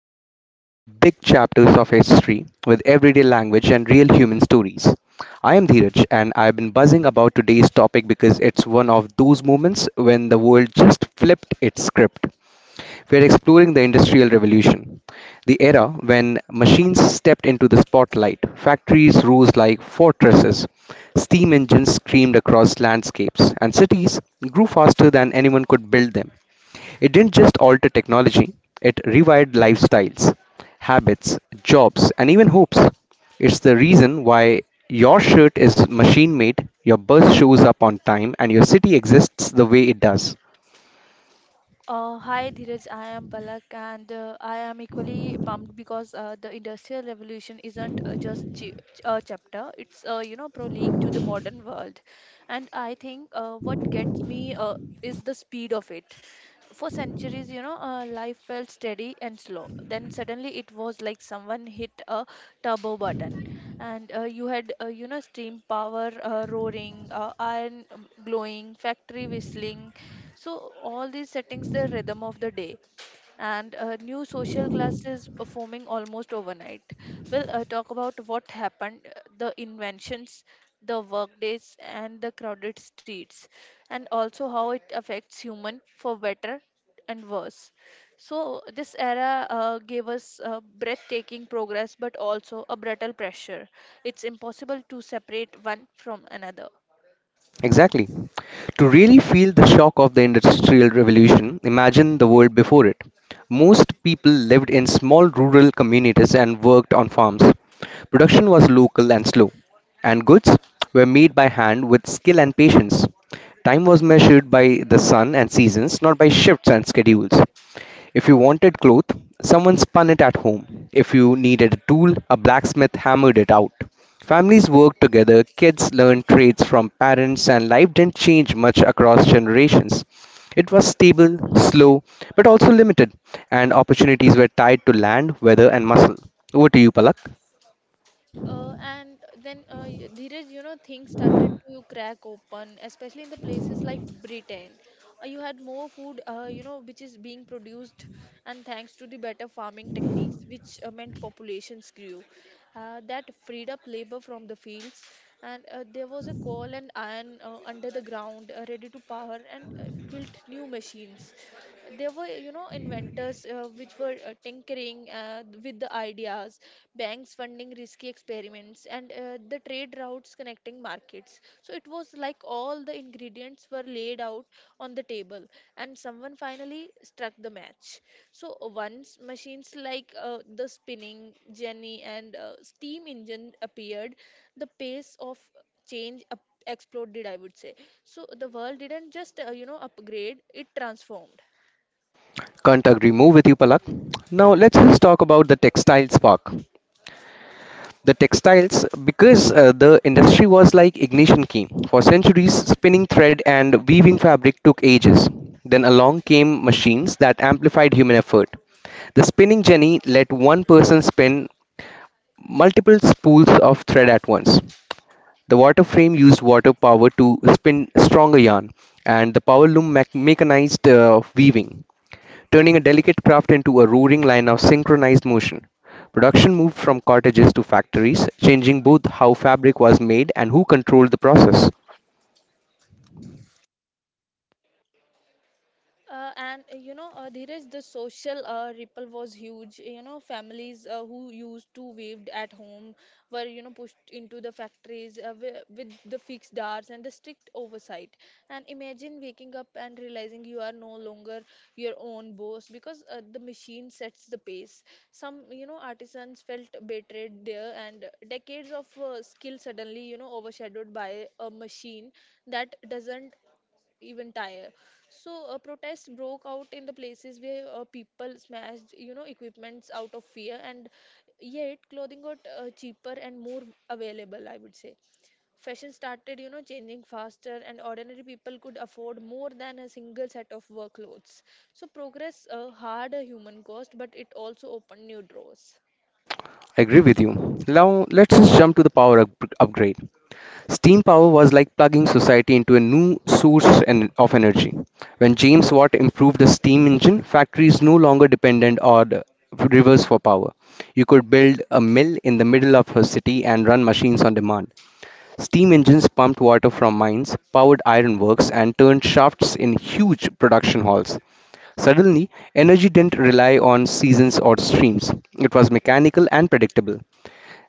where we unpack big chapters of history with everyday language and real human stories. I am Dheeraj and I've been buzzing about today's topic because it's one of those moments when the world just flipped its script. We're exploring the Industrial Revolution, the era when machines stepped into the spotlight, factories rose like fortresses, steam engines screamed across landscapes, and cities grew faster than anyone could build them. It didn't just alter technology, it rewired lifestyles, habits, jobs, and even hopes. It's the reason why your shirt is machine made, your bus shows up on time, and your city exists the way it does. Hi Dheeraj, I am Palak and I am equally pumped because the Industrial Revolution isn't just a chapter, it's prologue to the modern world. And I think what gets me is the speed of it. For centuries, life felt steady and slow. Then suddenly it was like someone hit a turbo button. And you had, steam power roaring, iron glowing, factory whistling, so all these settings the rhythm of the day, and new social classes are forming almost overnight. We'll talk about what happened, the inventions, the workdays, and the crowded streets, and also how it affects human for better and worse. So this era gave us breathtaking progress, but also a brutal pressure. It's impossible to separate one from another. Exactly. To really feel the shock of the Industrial Revolution, imagine the world before it. Most people lived in small rural communities and worked on farms. Production was local and slow, and goods were made by hand with skill and patience. Time was measured by the sun and seasons, not by shifts and schedules. If you wanted cloth, someone spun it at home. If you needed a tool, a blacksmith hammered it out. Families worked together, kids learned trades from parents, and life didn't change much across generations. It was stable, slow, but also limited, and opportunities were tied to land, weather, and muscle. Over to you, Palak. And then, Dheeraj, you know, things started to crack open, especially in the places like Britain. You had more food, which is being produced, and thanks to the better farming techniques, which meant populations grew. That freed up labor from the fields, and there was a coal and iron under the ground, ready to power and built new machines. There were, you know, inventors which were tinkering with the ideas, banks funding risky experiments, and the trade routes connecting markets. So it was like all the ingredients were laid out on the table and someone finally struck the match. So once machines like the spinning jenny and steam engine appeared, the pace of change up- exploded, I would say. So the world didn't just upgrade, it transformed. Can't agree more with you, Palak. Now, let's just talk about the textile spark. The textiles because the industry was like ignition key for centuries spinning thread and weaving fabric took ages. Then along came machines that amplified human effort. The spinning jenny let one person spin multiple spools of thread at once. The water frame used water power to spin stronger yarn, and the power loom mechanized weaving, turning a delicate craft into a roaring line of synchronized motion. Production moved from cottages to factories, changing both how fabric was made and who controlled the process. Dheeraj, the social ripple was huge. You know, families who used to waved at home were, you know, pushed into the factories with the fixed hours and the strict oversight. And imagine waking up and realizing you are no longer your own boss because the machine sets the pace. Some, you know, artisans felt betrayed there, and decades of skill suddenly, you know, overshadowed by a machine that doesn't even tire. So protests broke out in the places where people smashed, you know, equipments out of fear, and yet clothing got cheaper and more available. I would say fashion started, you know, changing faster, and ordinary people could afford more than a single set of work clothes. So progress hard a human cost, but it also opened new doors. Agree with you. Now let's just jump to the power upgrade. Steam power was like plugging society into a new source of energy. When James Watt improved the steam engine, factories no longer depended on rivers for power. You could build a mill in the middle of a city and run machines on demand. Steam engines pumped water from mines, powered ironworks, and turned shafts in huge production halls. Suddenly, energy didn't rely on seasons or streams. It was mechanical and predictable.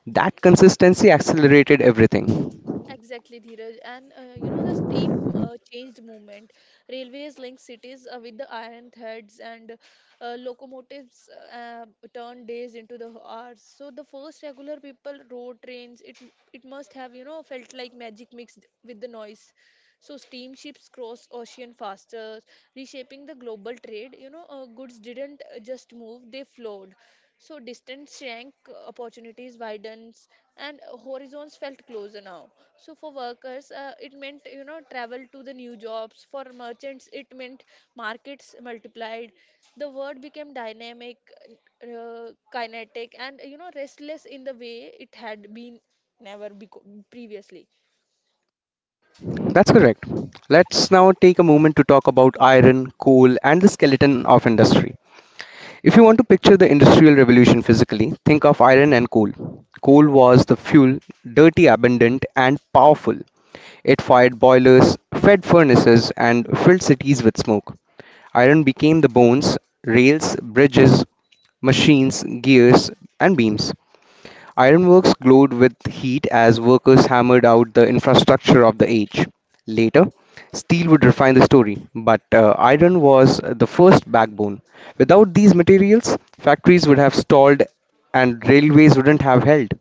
That consistency accelerated everything. Exactly, Dheeraj. And you know, the steam changed movement. Railways linked cities with the iron threads, and locomotives uh, turned days into the hours. So the first regular people rode trains. It must have, you know, felt like magic mixed with the noise. So steamships crossed ocean faster, reshaping the global trade. You know, goods didn't just move; they flowed. So distance shrank, opportunities widens, and horizons felt closer now. So for workers, it meant, you know, travel to the new jobs. For merchants, it meant markets multiplied. The world became dynamic, kinetic, and, you know, restless in the way it had been never beco- previously. That's correct. Let's now take a moment to talk about iron, coal, and the skeleton of industry. If you want to picture the Industrial Revolution physically, think of iron and coal. Coal was the fuel, dirty, abundant, and powerful. It fired boilers, fed furnaces, and filled cities with smoke. Iron became the bones, rails, bridges, machines, gears, and beams. Ironworks glowed with heat as workers hammered out the infrastructure of the age. Later, steel would refine the story, but iron was the first backbone. Without these materials, factories would have stalled and railways wouldn't have held.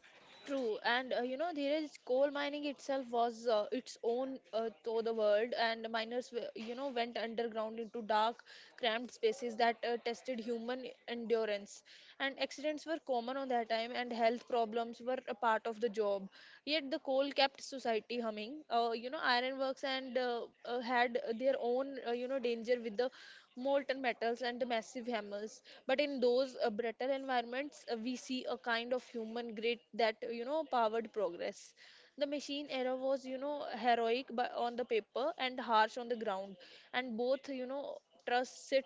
True, and you know there is coal mining itself was its own to the world, and you know, went underground into dark, cramped spaces that tested human endurance. And accidents were common on that time, and health problems were a part of the job. Yet the coal kept society humming. You know, ironworks and had their own danger with the molten metals, and massive hammers. But in those brittle environments, we see a kind of human grit that, you know, powered progress. The machine era was, you know, heroic on the paper and harsh on the ground, and both, you know, trusts sit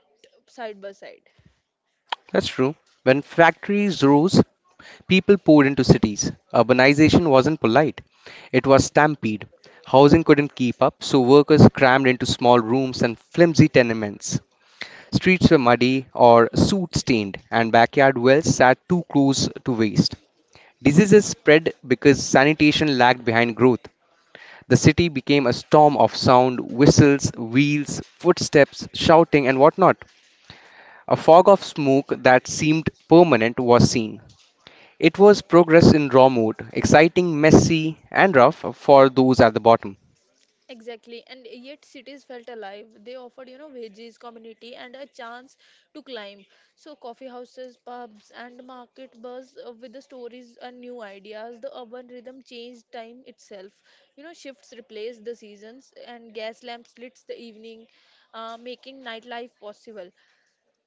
side by side. That's true. When factories rose, people poured into cities. Urbanization wasn't polite, it was stampede. Housing couldn't keep up, so workers crammed into small rooms and flimsy tenements. Streets were muddy or soot stained, and backyard wells sat too close to waste. Diseases spread because sanitation lagged behind growth. The city became a storm of sound, whistles, wheels, footsteps, shouting, and whatnot. A fog of smoke that seemed permanent was seen. It was progress in raw mode, exciting, messy, and rough for those at the bottom. Exactly, and yet cities felt alive. They offered, you know, veggies, community, and a chance to climb. So, coffee houses, pubs, and market buzz with the stories and new ideas. The urban rhythm changed time itself. You know, shifts replaced the seasons, and gas lamps lit the evening, making nightlife possible.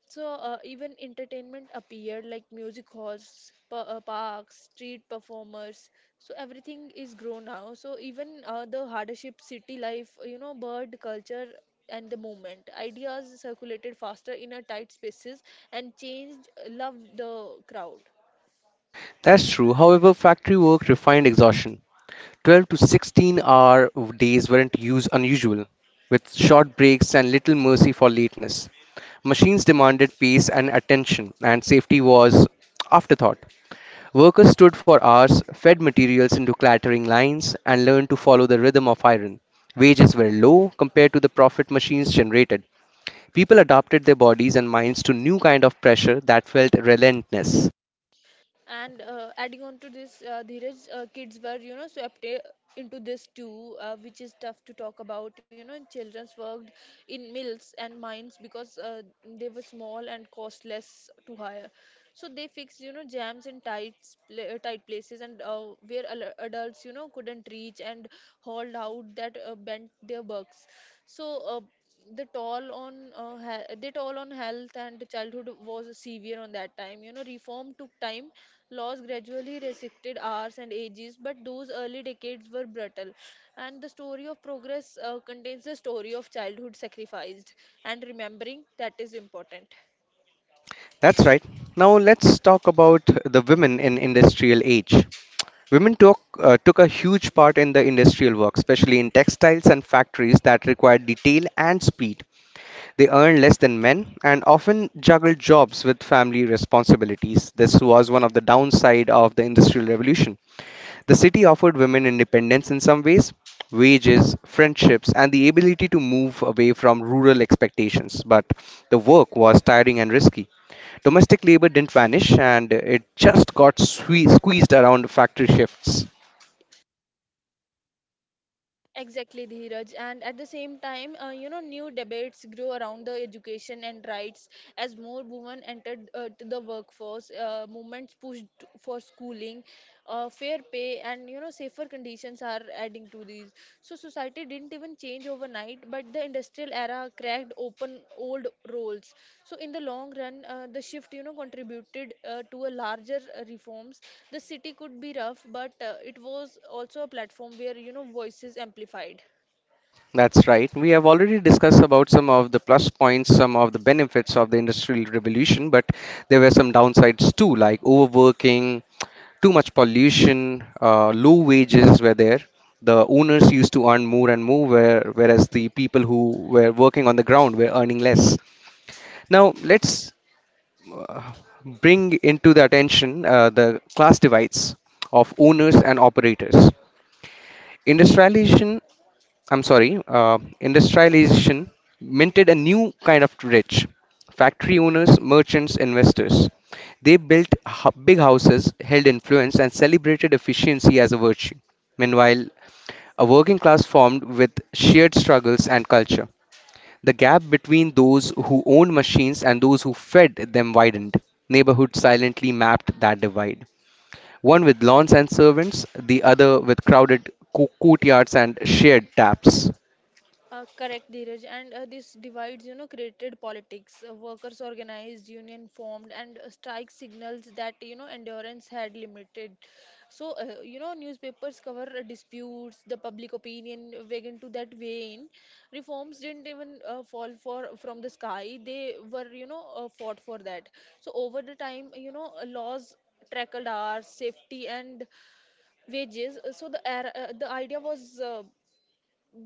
So even entertainment appeared like music halls, parks, street performers. So everything is grown now. So even the hardship, city life, you know, bird culture and the movement ideas circulated faster in a tight spaces and changed love the crowd. That's true. However, factory work refined exhaustion. 12 to 16 hour days weren't used unusual, with short breaks and little mercy for lateness. Machines demanded pace and attention, and safety was afterthought. Workers stood for hours, fed materials into clattering lines, and learned to follow the rhythm of iron. Wages were low compared to the profit machines generated. People adapted their bodies and minds to new kind of pressure that felt relentless. And adding on to this, Dheeraj, kids were, you know, swept into this too, which is tough to talk about. You know, children's worked in mills and mines because they were small and cost less to hire. So they fixed, you know, jams in tight, tight places and where adults, you know, couldn't reach and hauled out that bent their bugs. So the toll on health and childhood was severe on that time. You know, reform took time. Laws gradually restricted hours and ages, but those early decades were brutal. And the story of progress contains the story of childhood sacrificed, and remembering that is important. That's right. Now let's talk about the women in industrial age. Women took a huge part in the industrial work, especially in textiles and factories that required detail and speed. They earned less than men and often juggled jobs with family responsibilities. This was one of the downside of the industrial revolution. The city offered women independence in some ways, wages, friendships, and the ability to move away from rural expectations. But the work was tiring and risky. Domestic labor didn't vanish, and it just got squeezed around factory shifts. Exactly, Dheeraj. And at the same time, you know, new debates grew around the education and rights as more women entered to the workforce. Movements pushed for schooling, fair pay, and, you know, safer conditions are adding to these. So society didn't even change overnight, but the industrial era cracked open old roles. So in the long run, the shift, you know, contributed to a larger reforms. The city could be rough, but it was also a platform where, you know, voices amplified. That's right. We have already discussed about some of the plus points, some of the benefits of the industrial revolution, but there were some downsides too, like overworking, too much pollution, low wages were there. The owners used to earn more and more, whereas the people who were working on the ground were earning less. Now, let's uh, bring into the attention the class divides of owners and operators. Industrialization Industrialization minted a new kind of rich factory owners, merchants, investors. They built big houses, held influence, and celebrated efficiency as a virtue. Meanwhile, a working class formed with shared struggles and culture. The gap between those who owned machines and those who fed them widened. Neighborhoods silently mapped that divide. One with lawns and servants, the other with crowded courtyards and shared taps. Correct, Dheeraj. And this divides, you know, created politics. Workers organized, union formed, and strike signals that, you know, endurance had limited. So, you know, newspapers cover disputes, the public opinion wagon to that vein. Reforms didn't even fall for from the sky. They were, fought for that. So over the time, laws trackled hours, safety, and wages. So the era, the idea was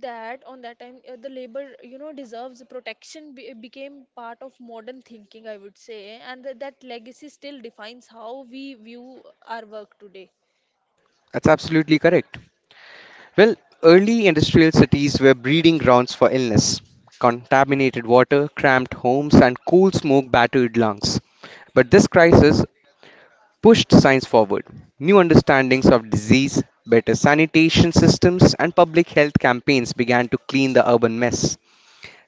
that on that time the labor, you know, deserves protection, became part of modern thinking, I would say. And that legacy still defines how we view our work today. That's absolutely correct. Well, early industrial cities were breeding grounds for illness contaminated water, cramped homes, and coal smoke battered lungs. But this crisis pushed science forward. New understandings of disease, better sanitation systems, and public health campaigns began to clean the urban mess.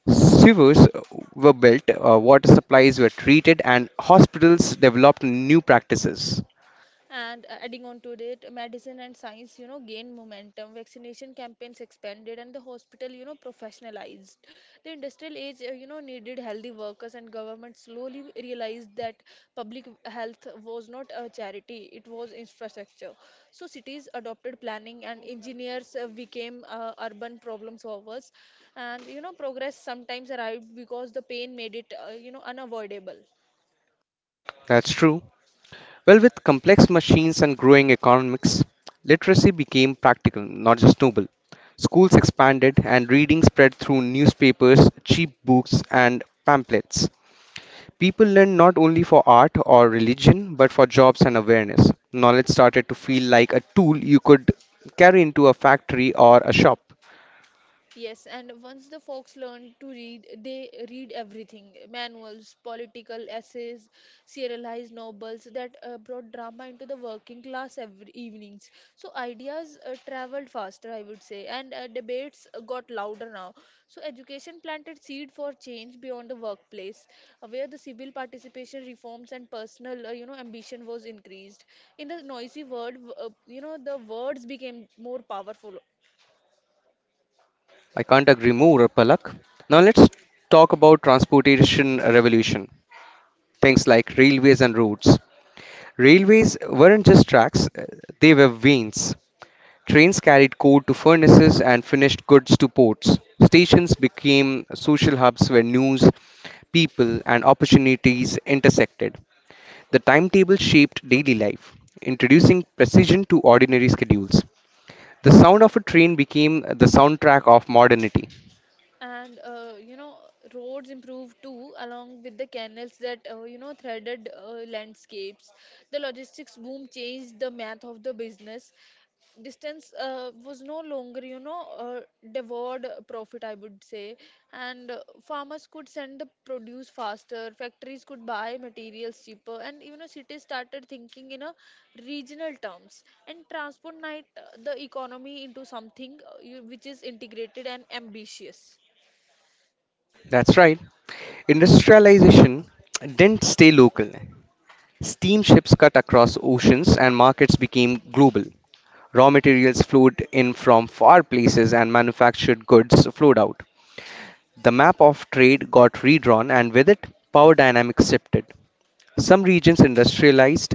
Sewers were built, water supplies were treated, and hospitals developed new practices. And adding on to it, medicine and science, you know, gained momentum. Vaccination campaigns expanded, and the hospital, you know, professionalized. The industrial age you know needed healthy workers, and government slowly realized that public health was not a charity, it was infrastructure. So cities adopted planning, and engineers became urban problem solvers. And, you know, progress sometimes arrived because the pain made it unavoidable. That's true. Well, with complex machines and growing economics, literacy became practical, not just noble. Schools expanded and reading spread through newspapers, cheap books, and pamphlets. People learned not only for art or religion, but for jobs and awareness. Knowledge started to feel like a tool you could carry into a factory or a shop. Yes, and once the folks learn to read, they read everything: manuals, political essays, serialized novels that brought drama into the working class every evenings. So ideas traveled faster, I would say, and debates got louder now. So education planted seed for change beyond the workplace, where the civil participation reforms and personal, ambition was increased. In the noisy world, the words became more powerful. I can't agree more, Palak. Now let's talk about transportation revolution, things like railways and roads. Railways weren't just tracks, they were veins. Trains carried coal to furnaces and finished goods to ports. Stations became social hubs where news, people, and opportunities intersected. The timetable shaped daily life, introducing precision to ordinary schedules. The sound of a train became the soundtrack of modernity. And you know, roads improved too, along with the canals that you know threaded landscapes. The logistics boom changed the math of the business. Distance was no longer, devoured profit, I would say. And farmers could send the produce faster, factories could buy materials cheaper, and, you know, cities started thinking in a regional terms, and transport night the economy into something which is integrated and ambitious. That's right. Industrialization didn't stay local. Steamships cut across oceans and markets became global. Raw materials flowed in from far places and manufactured goods flowed out. The map of trade got redrawn and with it, power dynamics shifted. Some regions industrialized,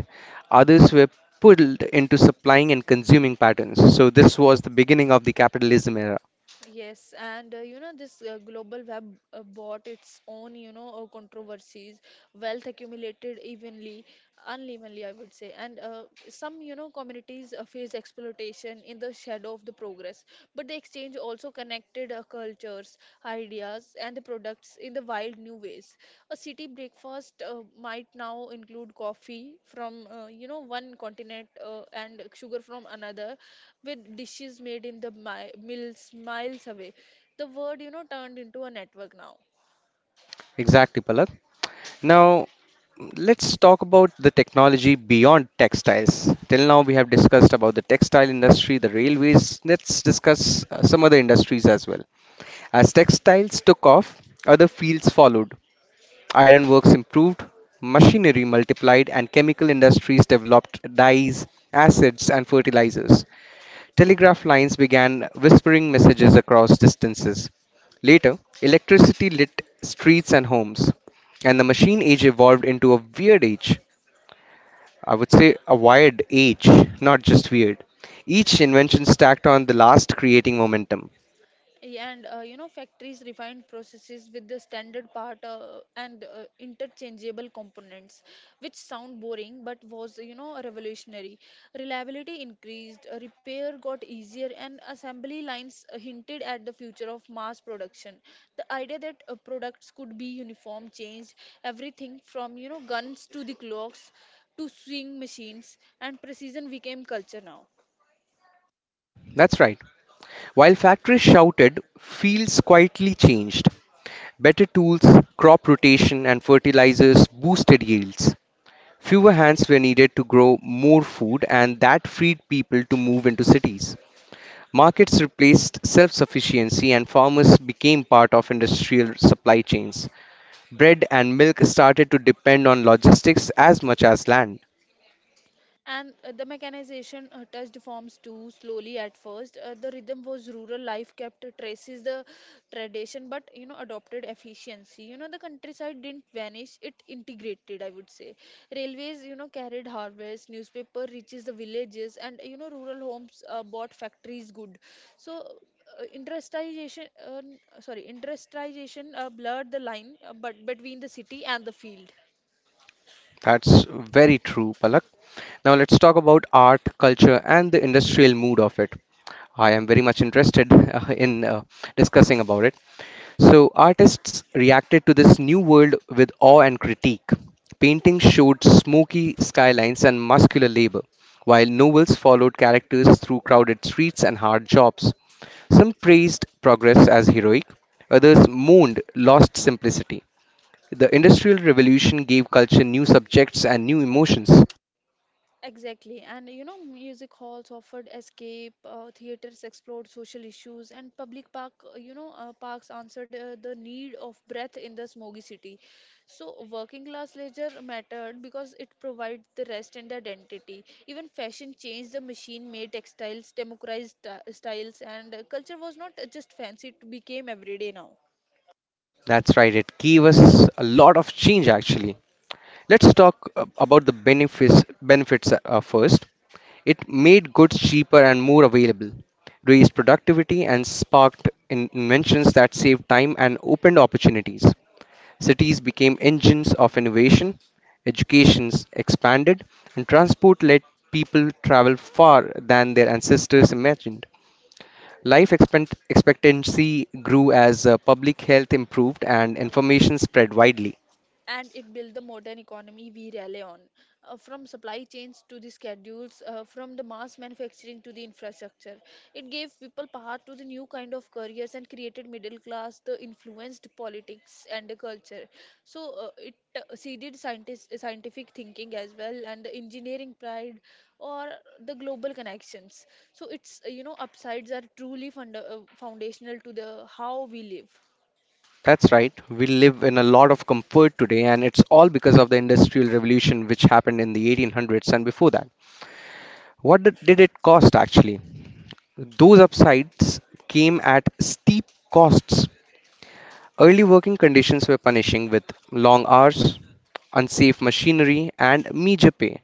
others were pulled into supplying and consuming patterns. So this was the beginning of the capitalism era. Yes, and you know this global web bought its own, controversies. Wealth accumulated evenly, unevenly, I would say, and some, you know, communities face exploitation in the shadow of the progress. But the exchange also connected cultures, ideas, and the products in the wild new ways. A city breakfast might now include coffee from you know one continent and sugar from another, with dishes made in the miles away. The word, you know, turned into a network now. Exactly, Palak. Now, let's talk about the technology beyond textiles. Till now, we have discussed about the textile industry, the railways. Let's discuss some other industries as well. As textiles took off, other fields followed. Ironworks improved, machinery multiplied, and chemical industries developed dyes, acids, and fertilizers. Telegraph lines began whispering messages across distances. Later, electricity lit streets and homes, and the machine age evolved into a weird age. I would say a wired age, not just weird. Each invention stacked on the last, creating momentum. And you know, factories refine processes with the standard part and interchangeable components, which sound boring but was, you know, revolutionary. Reliability increased, repair got easier, and assembly lines hinted at the future of mass production. The idea that products could be uniform changed everything from, you know, guns to the clocks to sewing machines, and precision became culture now. That's right. While factories shouted, fields quietly changed. Better tools, crop rotation, and fertilizers boosted yields. Fewer hands were needed to grow more food, and that freed people to move into cities. Markets replaced self sufficiency, and farmers became part of industrial supply chains. Bread and milk started to depend on logistics as much as land. And the mechanization touched forms too slowly at first. The rhythm was rural life kept traces the tradition, but you know adopted efficiency. You know the countryside didn't vanish; it integrated. I would say railways, you know, carried harvest, newspaper reaches the villages, and you know rural homes bought factories good. So industrialization blurred the line, but between the city and the field. That's very true, Palak. Now let's talk about art, culture, and the industrial mood of it. I am very much interested in discussing about it. So, artists reacted to this new world with awe and critique. Paintings showed smoky skylines and muscular labor, while novels followed characters through crowded streets and hard jobs. Some praised progress as heroic, others mourned lost simplicity. The Industrial Revolution gave culture new subjects and new emotions. Exactly, and you know, music halls offered escape, theaters explored social issues, and public park, you know, parks answered the need of breath in the smoggy city. So, working class leisure mattered because it provided the rest and the identity. Even fashion changed the machine-made textiles, democratized styles, and culture was not just fancy; it became everyday now. That's right, it gave us a lot of change actually. Let's talk about the benefits first. It made goods cheaper and more available, raised productivity and sparked inventions that saved time and opened opportunities. Cities became engines of innovation, educations expanded, and transport let people travel far than their ancestors imagined. Life expectancy grew as public health improved and information spread widely. And it built the modern economy we rely on. From supply chains to the schedules, from the mass manufacturing to the infrastructure, it gave people path to the new kind of careers and created middle class, the influenced politics and the culture. So it scientific thinking as well and the engineering pride or the global connections. So it's you know upsides are truly foundational to the how we live. That's right. We live in a lot of comfort today, and it's all because of the Industrial Revolution, which happened in the 1800s and before that. What did it cost actually? Those upsides came at steep costs. Early working conditions were punishing with long hours, unsafe machinery, and meager pay.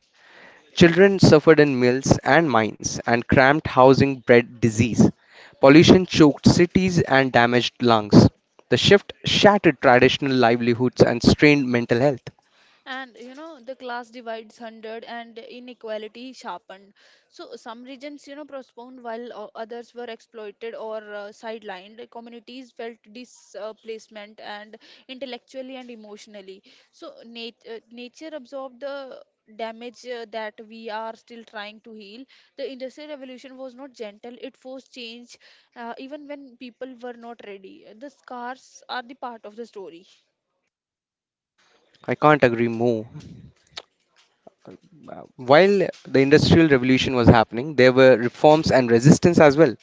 Children suffered in mills and mines, and cramped housing bred disease. Pollution choked cities and damaged lungs. The shift shattered traditional livelihoods and strained mental health. And you know the class divides hundred and inequality sharpened, so some regions you know postponed while others were exploited or sidelined communities felt displacement and intellectually and emotionally. So nature absorbed the damage that we are still trying to heal. The industrial revolution was not gentle; it forced change even when people were not ready. The scars are the part of the story. I can't agree more. While the Industrial Revolution was happening, there were reforms and resistance as well.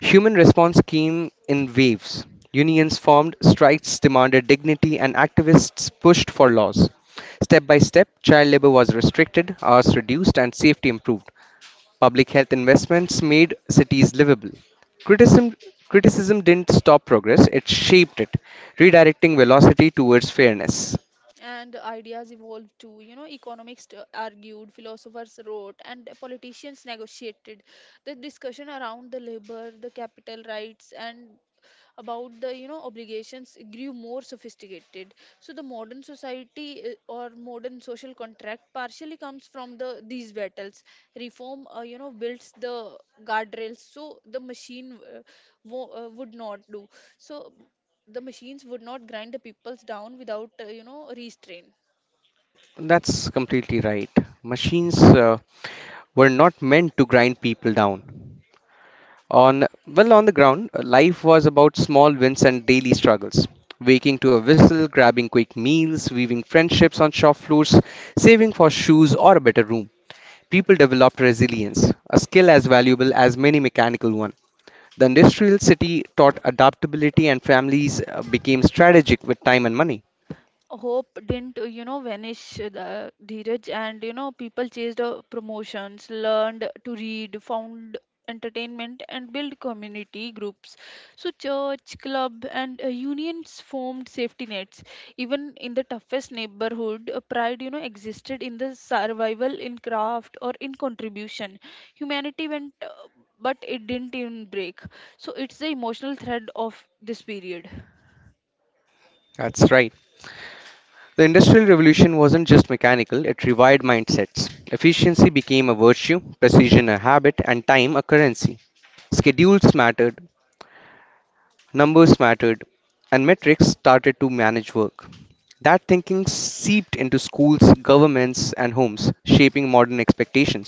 Human response came in waves. Unions formed, strikes demanded dignity, and activists pushed for laws. Step by step, child labor was restricted, hours reduced, and safety improved. Public health investments made cities livable. Criticism, criticism didn't stop progress, it shaped it, redirecting velocity towards fairness. And ideas evolved too, you know, economists argued, philosophers wrote, and politicians negotiated. The discussion around the labor, the capital rights, and about the you know obligations grew more sophisticated. So the modern society or modern social contract partially comes from the these battles. Reform you know builds the guardrails so the machine wo- would not do so the machines would not grind the peoples down without you know restraint. That's completely right. Machines were not meant to grind people down. On the ground, life was about small wins and daily struggles. Waking to a whistle, grabbing quick meals, weaving friendships on shop floors, saving for shoes or a better room. People developed resilience, a skill as valuable as many mechanical ones. The industrial city taught adaptability, and families became strategic with time and money. Hope didn't you know vanish, the Dheeraj, and you know people chased promotions, learned to read, found entertainment, and built community groups. So church, club, and unions formed safety nets. Even in the toughest neighborhood, pride you know existed in the survival, in craft, or in contribution. Humanity went, but it didn't even break. So it's the emotional thread of this period. That's right. The Industrial Revolution wasn't just mechanical, it revived mindsets. Efficiency became a virtue, precision a habit, and time a currency. Schedules mattered, numbers mattered, and metrics started to manage work. That thinking seeped into schools, governments, and homes, shaping modern expectations.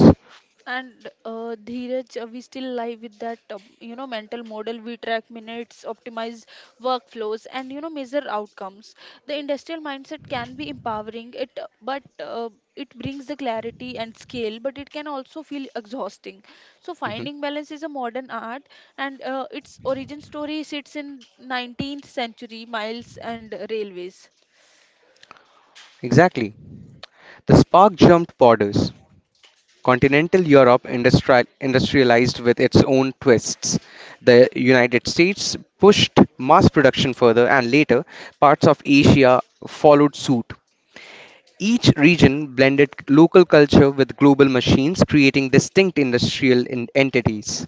And Dheeraj, we still live with that, you know, mental model. We track minutes, optimize workflows, and you know, measure outcomes. The industrial mindset can be empowering. It brings the clarity and scale, but it can also feel exhausting. So Mhm. finding balance is a modern art, and its origin story sits in 19th century miles and railways. Exactly. The spark jumped borders. Continental Europe industrialized with its own twists. The United States pushed mass production further, and later, parts of Asia followed suit. Each region blended local culture with global machines, creating distinct industrial entities.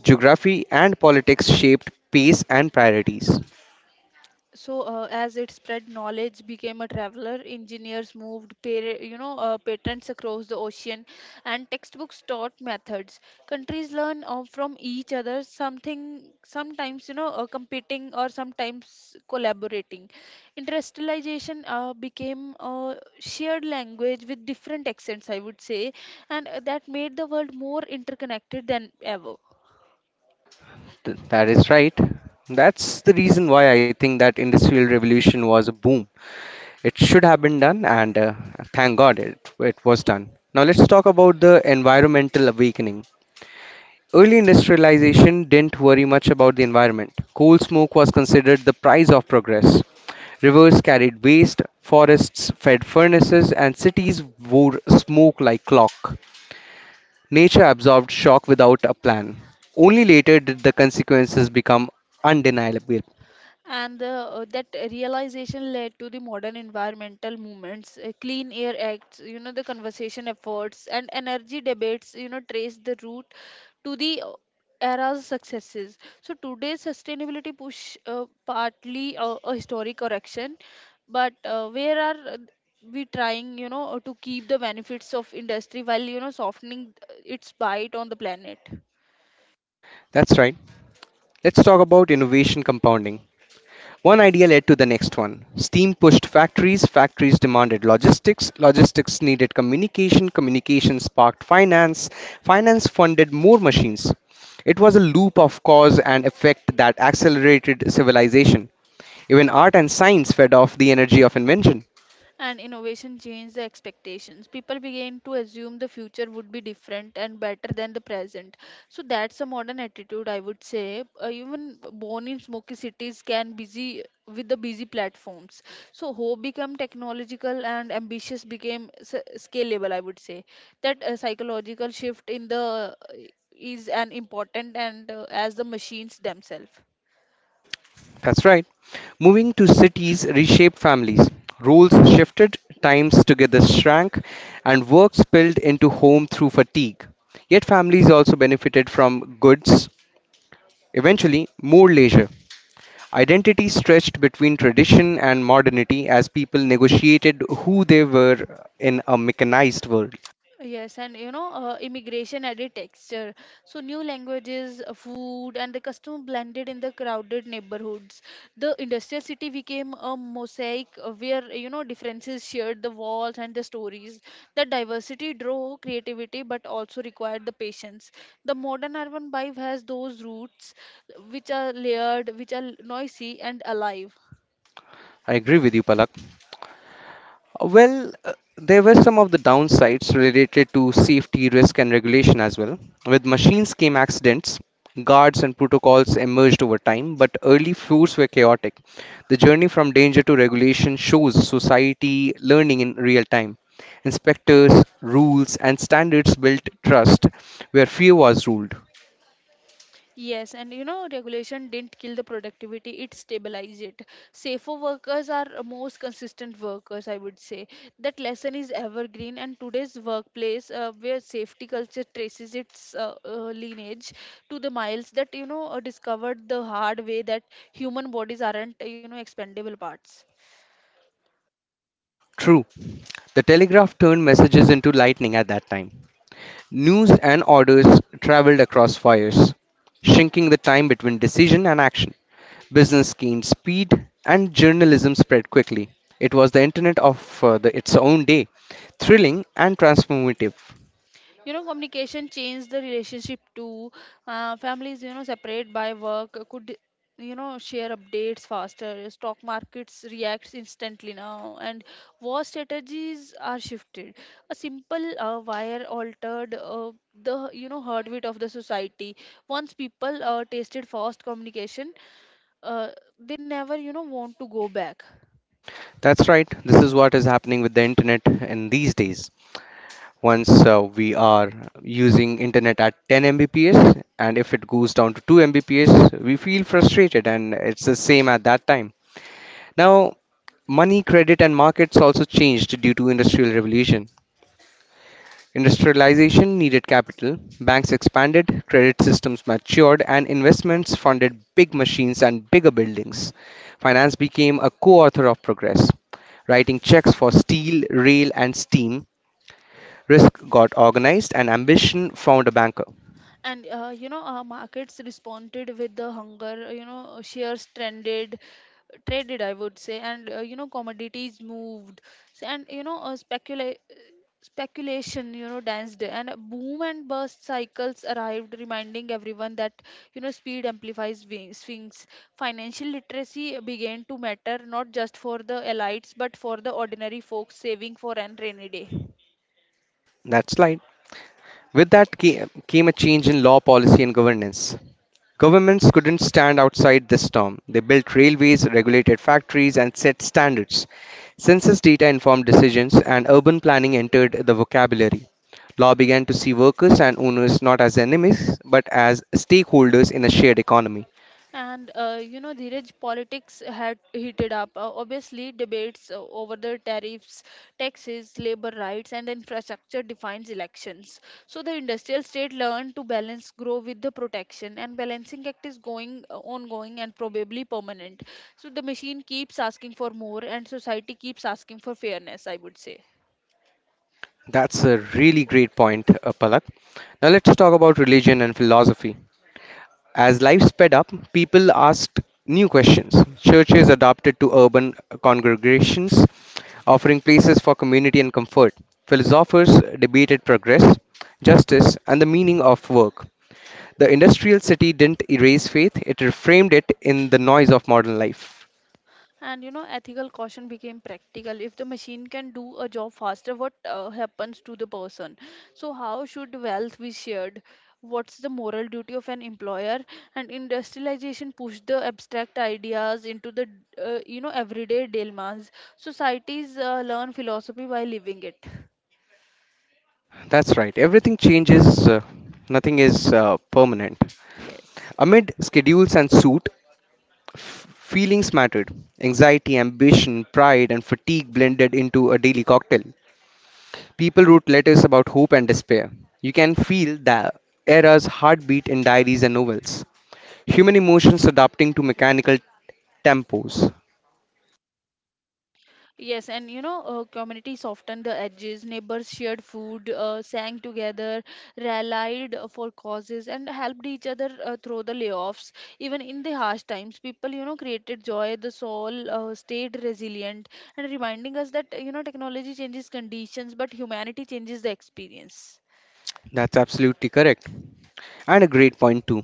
Geography and politics shaped pace and priorities. So as it spread, knowledge became a traveler, engineers moved, you know, patents across the ocean, and textbooks taught methods. Countries learn from each other, something, sometimes you know competing or sometimes collaborating. Industrialization became a shared language with different accents, I would say. And that made the world more interconnected than ever. That is right. That's the reason why I think that industrial revolution was a boom. It should have been done, and thank God it was done. Now, let's talk about the environmental awakening. Early industrialization didn't worry much about the environment. Coal smoke was considered the price of progress. Rivers carried waste, forests fed furnaces, and cities wore smoke like clock. Nature absorbed shock without a plan. Only later did the consequences become undeniable. And that realization led to the modern environmental movements, clean air acts, you know, the conservation efforts and energy debates, you know, trace the route to the era's successes. So today's sustainability push partly a historic correction, but where are we trying you know to keep the benefits of industry while you know softening its bite on the planet. That's right. Let's talk about innovation compounding. One idea led to the next one. Steam pushed factories, factories demanded logistics, logistics needed communication, communication sparked finance, finance funded more machines. It was a loop of cause and effect that accelerated civilization. Even art and science fed off the energy of invention. And innovation changed the expectations. People began to assume the future would be different and better than the present. So that's a modern attitude, I would say. Even born in smoky cities can busy with the busy platforms. So hope became technological and ambitious became scalable, I would say. That psychological shift in the is an important and as the machines themselves. That's right. Moving to cities reshaped families. Roles shifted, times together shrank, and work spilled into home through fatigue. Yet families also benefited from goods. Eventually, more leisure. Identity stretched between tradition and modernity as people negotiated who they were in a mechanized world. Yes, and you know, immigration added texture. So new languages, food, and the custom blended in the crowded neighborhoods. The industrial city became a mosaic where you know differences shared the walls and the stories. The diversity drove creativity, but also required the patience. The modern urban vibe has those roots, which are layered, which are noisy and alive. I agree with you, Palak. Well, there were some of the downsides related to safety, risk, and regulation as well. With machines came accidents, guards and protocols emerged over time, but early floors were chaotic. The journey from danger to regulation shows society learning in real time. Inspectors, rules, and standards built trust where fear was ruled. Yes, and you know, regulation didn't kill the productivity; it stabilized it. Safer workers are most consistent workers, I would say. That lesson is evergreen, and today's workplace, where safety culture traces its lineage to the miles that, you know, discovered the hard way that human bodies aren't, you know, expendable parts. True, the telegraph turned messages into lightning at that time. News and orders traveled across fires, shrinking the time between decision and action. Business gained speed and journalism spread quickly. It was the internet of its own day, thrilling and transformative. You know communication changed the relationship too. Families you know separate by work could you know share updates faster, stock markets reacts instantly now, and war strategies are shifted. A simple wire altered the you know heartbeat of the society. Once people tasted fast communication, uh, they never you know want to go back. That's right, this is what is happening with the internet in these days. Once we are using internet at 10 Mbps, and if it goes down to 2 Mbps, we feel frustrated and it's the same at that time. Now, money, credit, and markets also changed due to industrial revolution. Industrialization needed capital, banks expanded, credit systems matured, and investments funded big machines and bigger buildings. Finance became a co-author of progress, writing checks for steel, rail, and steam. Risk got organized, and ambition found a banker. And you know our markets responded with the hunger, you know shares trended, traded, I would say, and you know commodities moved. So, and you know, speculation you know danced, and a boom and burst cycles arrived, reminding everyone that you know speed amplifies sphinx. Financial literacy began to matter, not just for the elites but for the ordinary folks saving for an rainy day. That slide. With that came a change in law, policy, and governance. Governments couldn't stand outside this storm. They built railways, regulated factories, and set standards. Census data informed decisions, and urban planning entered the vocabulary. Law began to see workers and owners not as enemies, but as stakeholders in a shared economy. And you know, Dheeraj, politics had heated up. Obviously, debates over the tariffs, taxes, labor rights, and infrastructure defines elections. So the industrial state learned to balance grow with the protection, and balancing act is going ongoing and probably permanent. So the machine keeps asking for more, and society keeps asking for fairness. I would say. That's a really great point, Palak. Now let's talk about religion and philosophy. As life sped up, people asked new questions. Churches adapted to urban congregations, offering places for community and comfort. Philosophers debated progress, justice, and the meaning of work. The industrial city didn't erase faith, it reframed it in the noise of modern life. And you know, ethical caution became practical. If the machine can do a job faster, what happens to the person? So, how should wealth be shared? What's the moral duty of an employer? And industrialization pushed the abstract ideas into the you know everyday dilemmas. Societies learn philosophy by living it. That's right, everything changes, nothing is permanent. Yes. Amid schedules and suit, feelings mattered. Anxiety, ambition, pride, and fatigue blended into a daily cocktail. People wrote letters about hope and despair. You can feel the era's heartbeat in diaries and novels. Human emotions adapting to mechanical tempos. Yes, and you know, community softened the edges, neighbors shared food, sang together, rallied for causes, and helped each other through the layoffs. Even in the harsh times, people, you know, created joy, the soul stayed resilient, and reminding us that, you know, technology changes conditions, but humanity changes the experience. That's absolutely correct. And a great point, too.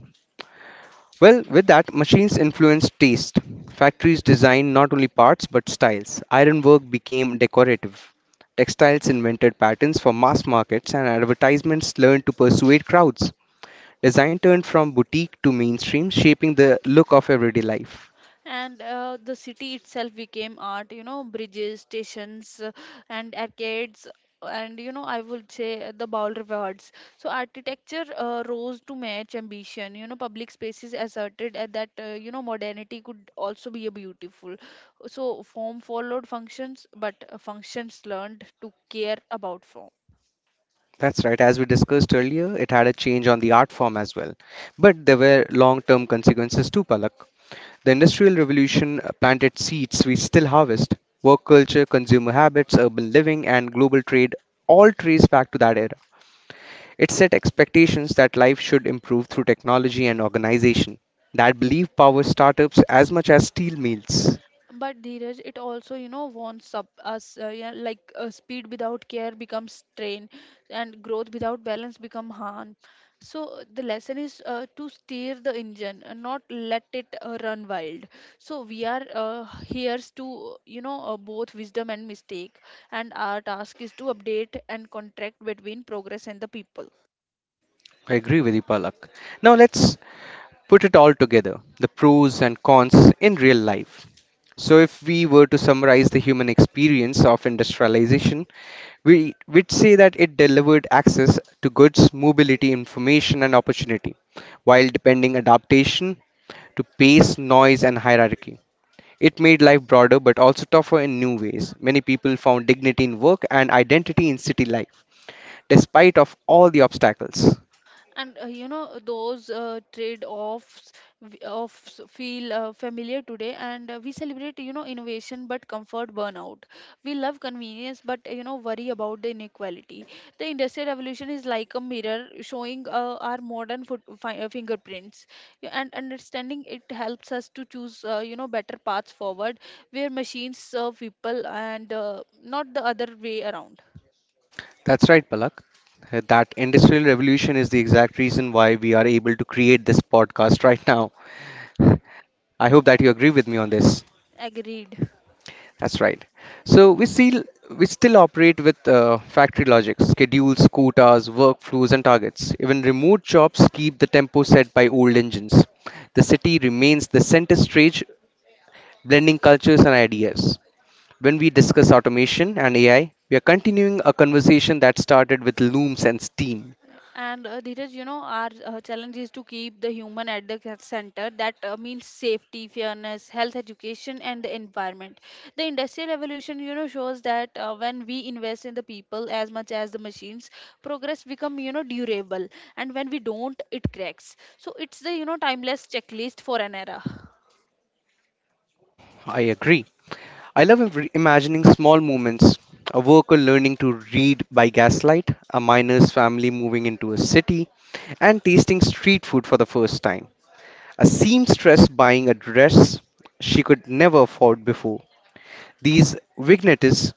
Well, with that, machines influenced taste. Factories designed not only parts but styles. Ironwork became decorative. Textiles invented patterns for mass markets, and advertisements learned to persuade crowds. Design turned from boutique to mainstream, shaping the look of everyday life. And the city itself became art, you know, bridges, stations, and arcades, and you know I would say the bowl rewards. So architecture rose to match ambition, you know public spaces asserted that you know modernity could also be a beautiful. So form followed functions, but functions learned to care about form. That's right. As we discussed earlier, it had a change on the art form as well. But there were long term consequences too, Palak. The Industrial Revolution planted seeds we still harvest. Work culture, consumer habits, urban living, and global trade all trace back to that era. It set expectations that life should improve through technology and organization. That belief powered startups as much as steel mills. But Dheeraj, it also, you know, wants up us. Yeah, like speed without care becomes strain, and growth without balance become harm. So the lesson is to steer the engine, and not let it run wild. So we are here's to, you know, both wisdom and mistake, and our task is to update and contract between progress and the people. I agree with you, Palak. Now let's put it all together, the pros and cons in real life. So, if we were to summarize the human experience of industrialization, we would say that it delivered access to goods, mobility, information, and opportunity, while depending adaptation to pace, noise, and hierarchy. It made life broader but also tougher in new ways. Many people found dignity in work and identity in city life, despite of all the obstacles. And you know, those trade-offs feel familiar today, and we celebrate, you know, innovation but comfort burnout. We love convenience but, you know, worry about the inequality. The Industrial Revolution is like a mirror showing our modern foot fi fingerprints. Yeah, and understanding it helps us to choose, you know, better paths forward where machines serve people and not the other way around. That's right, Palak. That industrial revolution is the exact reason why we are able to create this podcast right now. I hope that you agree with me on this. Agreed. That's right. So we still operate with factory logic, schedules, quotas, workflows, and targets. Even remote jobs keep the tempo set by old engines. The city remains the center stage, blending cultures and ideas. When we discuss automation and AI, we are continuing a conversation that started with looms and steam. And Dheeraj, you know, our challenge is to keep the human at the center. That means safety, fairness, health, education, and the environment. The industrial revolution, you know, shows that when we invest in the people as much as the machines, progress become, you know, durable. And when we don't, it cracks. So it's the, you know, timeless checklist for an era. I agree. I love imagining small moments: a worker learning to read by gaslight, a miner's family moving into a city, and tasting street food for the first time, a seamstress buying a dress she could never afford before. These vignettes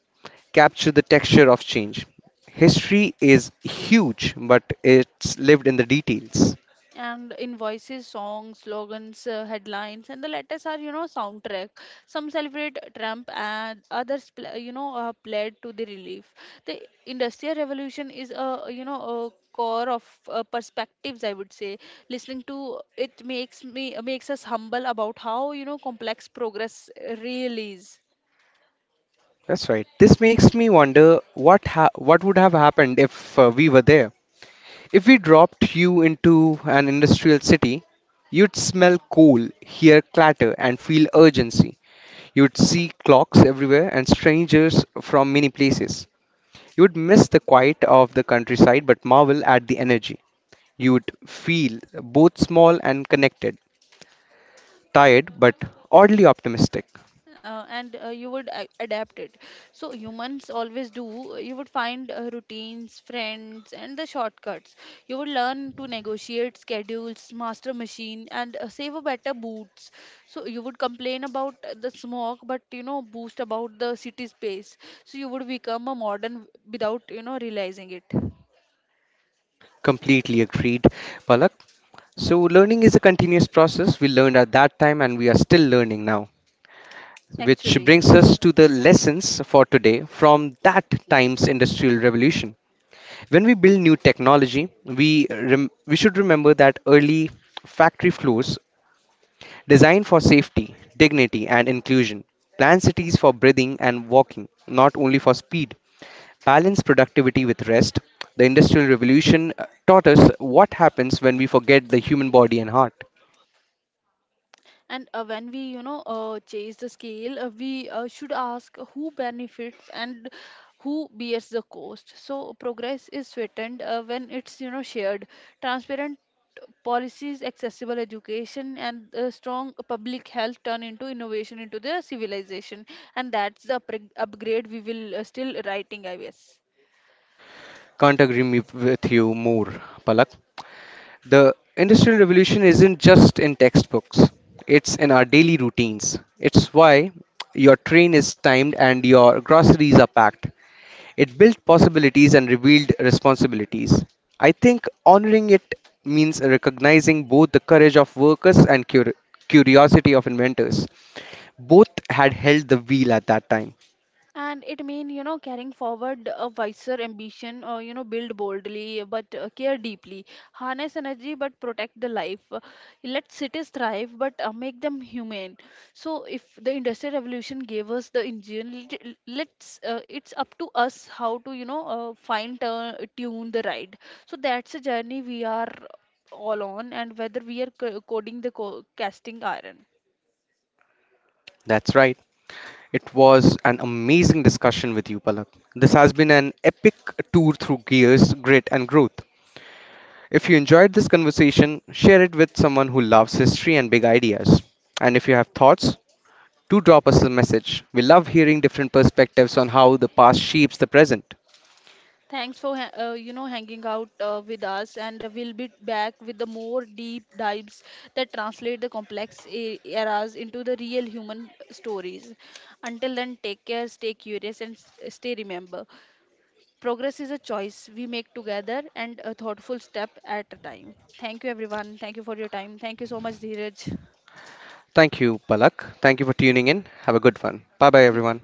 capture the texture of change. History is huge, but it's lived in the details. And invoices, songs, slogans, headlines, and the letters are, you know, soundtrack. Some celebrate Trump and others, you know, pled to the relief. The Industrial Revolution is a, you know, a core of perspectives, I would say. Listening to it makes me makes us humble about how you know complex progress really is. That's right. This makes me wonder what would have happened if we were there. If we dropped you into an industrial city, you'd smell coal, hear clatter, and feel urgency. You'd see clocks everywhere and strangers from many places. You'd miss the quiet of the countryside but marvel at the energy. You'd feel both small and connected, tired but oddly optimistic. And You would adapt it, so humans always do. You would find routines, friends, and the shortcuts. You would learn to negotiate schedules, master machine, and save a better boots. So you would complain about the smoke but you know boost about the city space. So you would become a modern without you know realizing it Completely agreed, Palak. So, learning is a continuous process. We learned at that time and we are still learning now, which actually. brings us to the lessons for today from that time's industrial revolution. When we build new technology, we we should remember that early factory floors designed for safety, dignity, and inclusion, plan cities for breathing and walking, not only for speed, balance productivity with rest. The industrial revolution taught us what happens when we forget the human body and heart. And when we, you know, chase the scale, we should ask who benefits and who bears the cost. So progress is sweetened when it's, you know, shared. Transparent policies, accessible education, and strong public health turn into innovation into the civilization. And that's the upgrade we will still writing, I guess. Can't agree with you more, Palak. The Industrial Revolution isn't just in textbooks, it's in our daily routines. It's why your train is timed and your groceries are packed. It built possibilities and revealed responsibilities. I think honoring it means recognizing both the courage of workers and curiosity of inventors. Both had held the wheel at that time. And it mean you know carrying forward a wiser ambition, or you know build boldly but care deeply, harness energy but protect the life. Let cities thrive but make them humane. So if the industrial revolution gave us the engine, let's it's up to us how to you know find tune the ride. So that's a journey we are all on, and whether we are coding the casting iron. That's right. It was an amazing discussion with you, Palak. This has been an epic tour through gears, grit, and growth. If you enjoyed this conversation, share it with someone who loves history and big ideas. And if you have thoughts, do drop us a message. We love hearing different perspectives on how the past shapes the present. Thanks for you know hanging out with us, and we'll be back with the more deep dives that translate the complex eras into the real human stories. Until then, take care, stay curious, and stay remember. Progress is a choice we make together, and a thoughtful step at a time. Thank you, everyone. Thank you for your time. Thank you so much, Dheeraj. Thank you, Palak. Thank you for tuning in. Have a good one. Bye bye, everyone.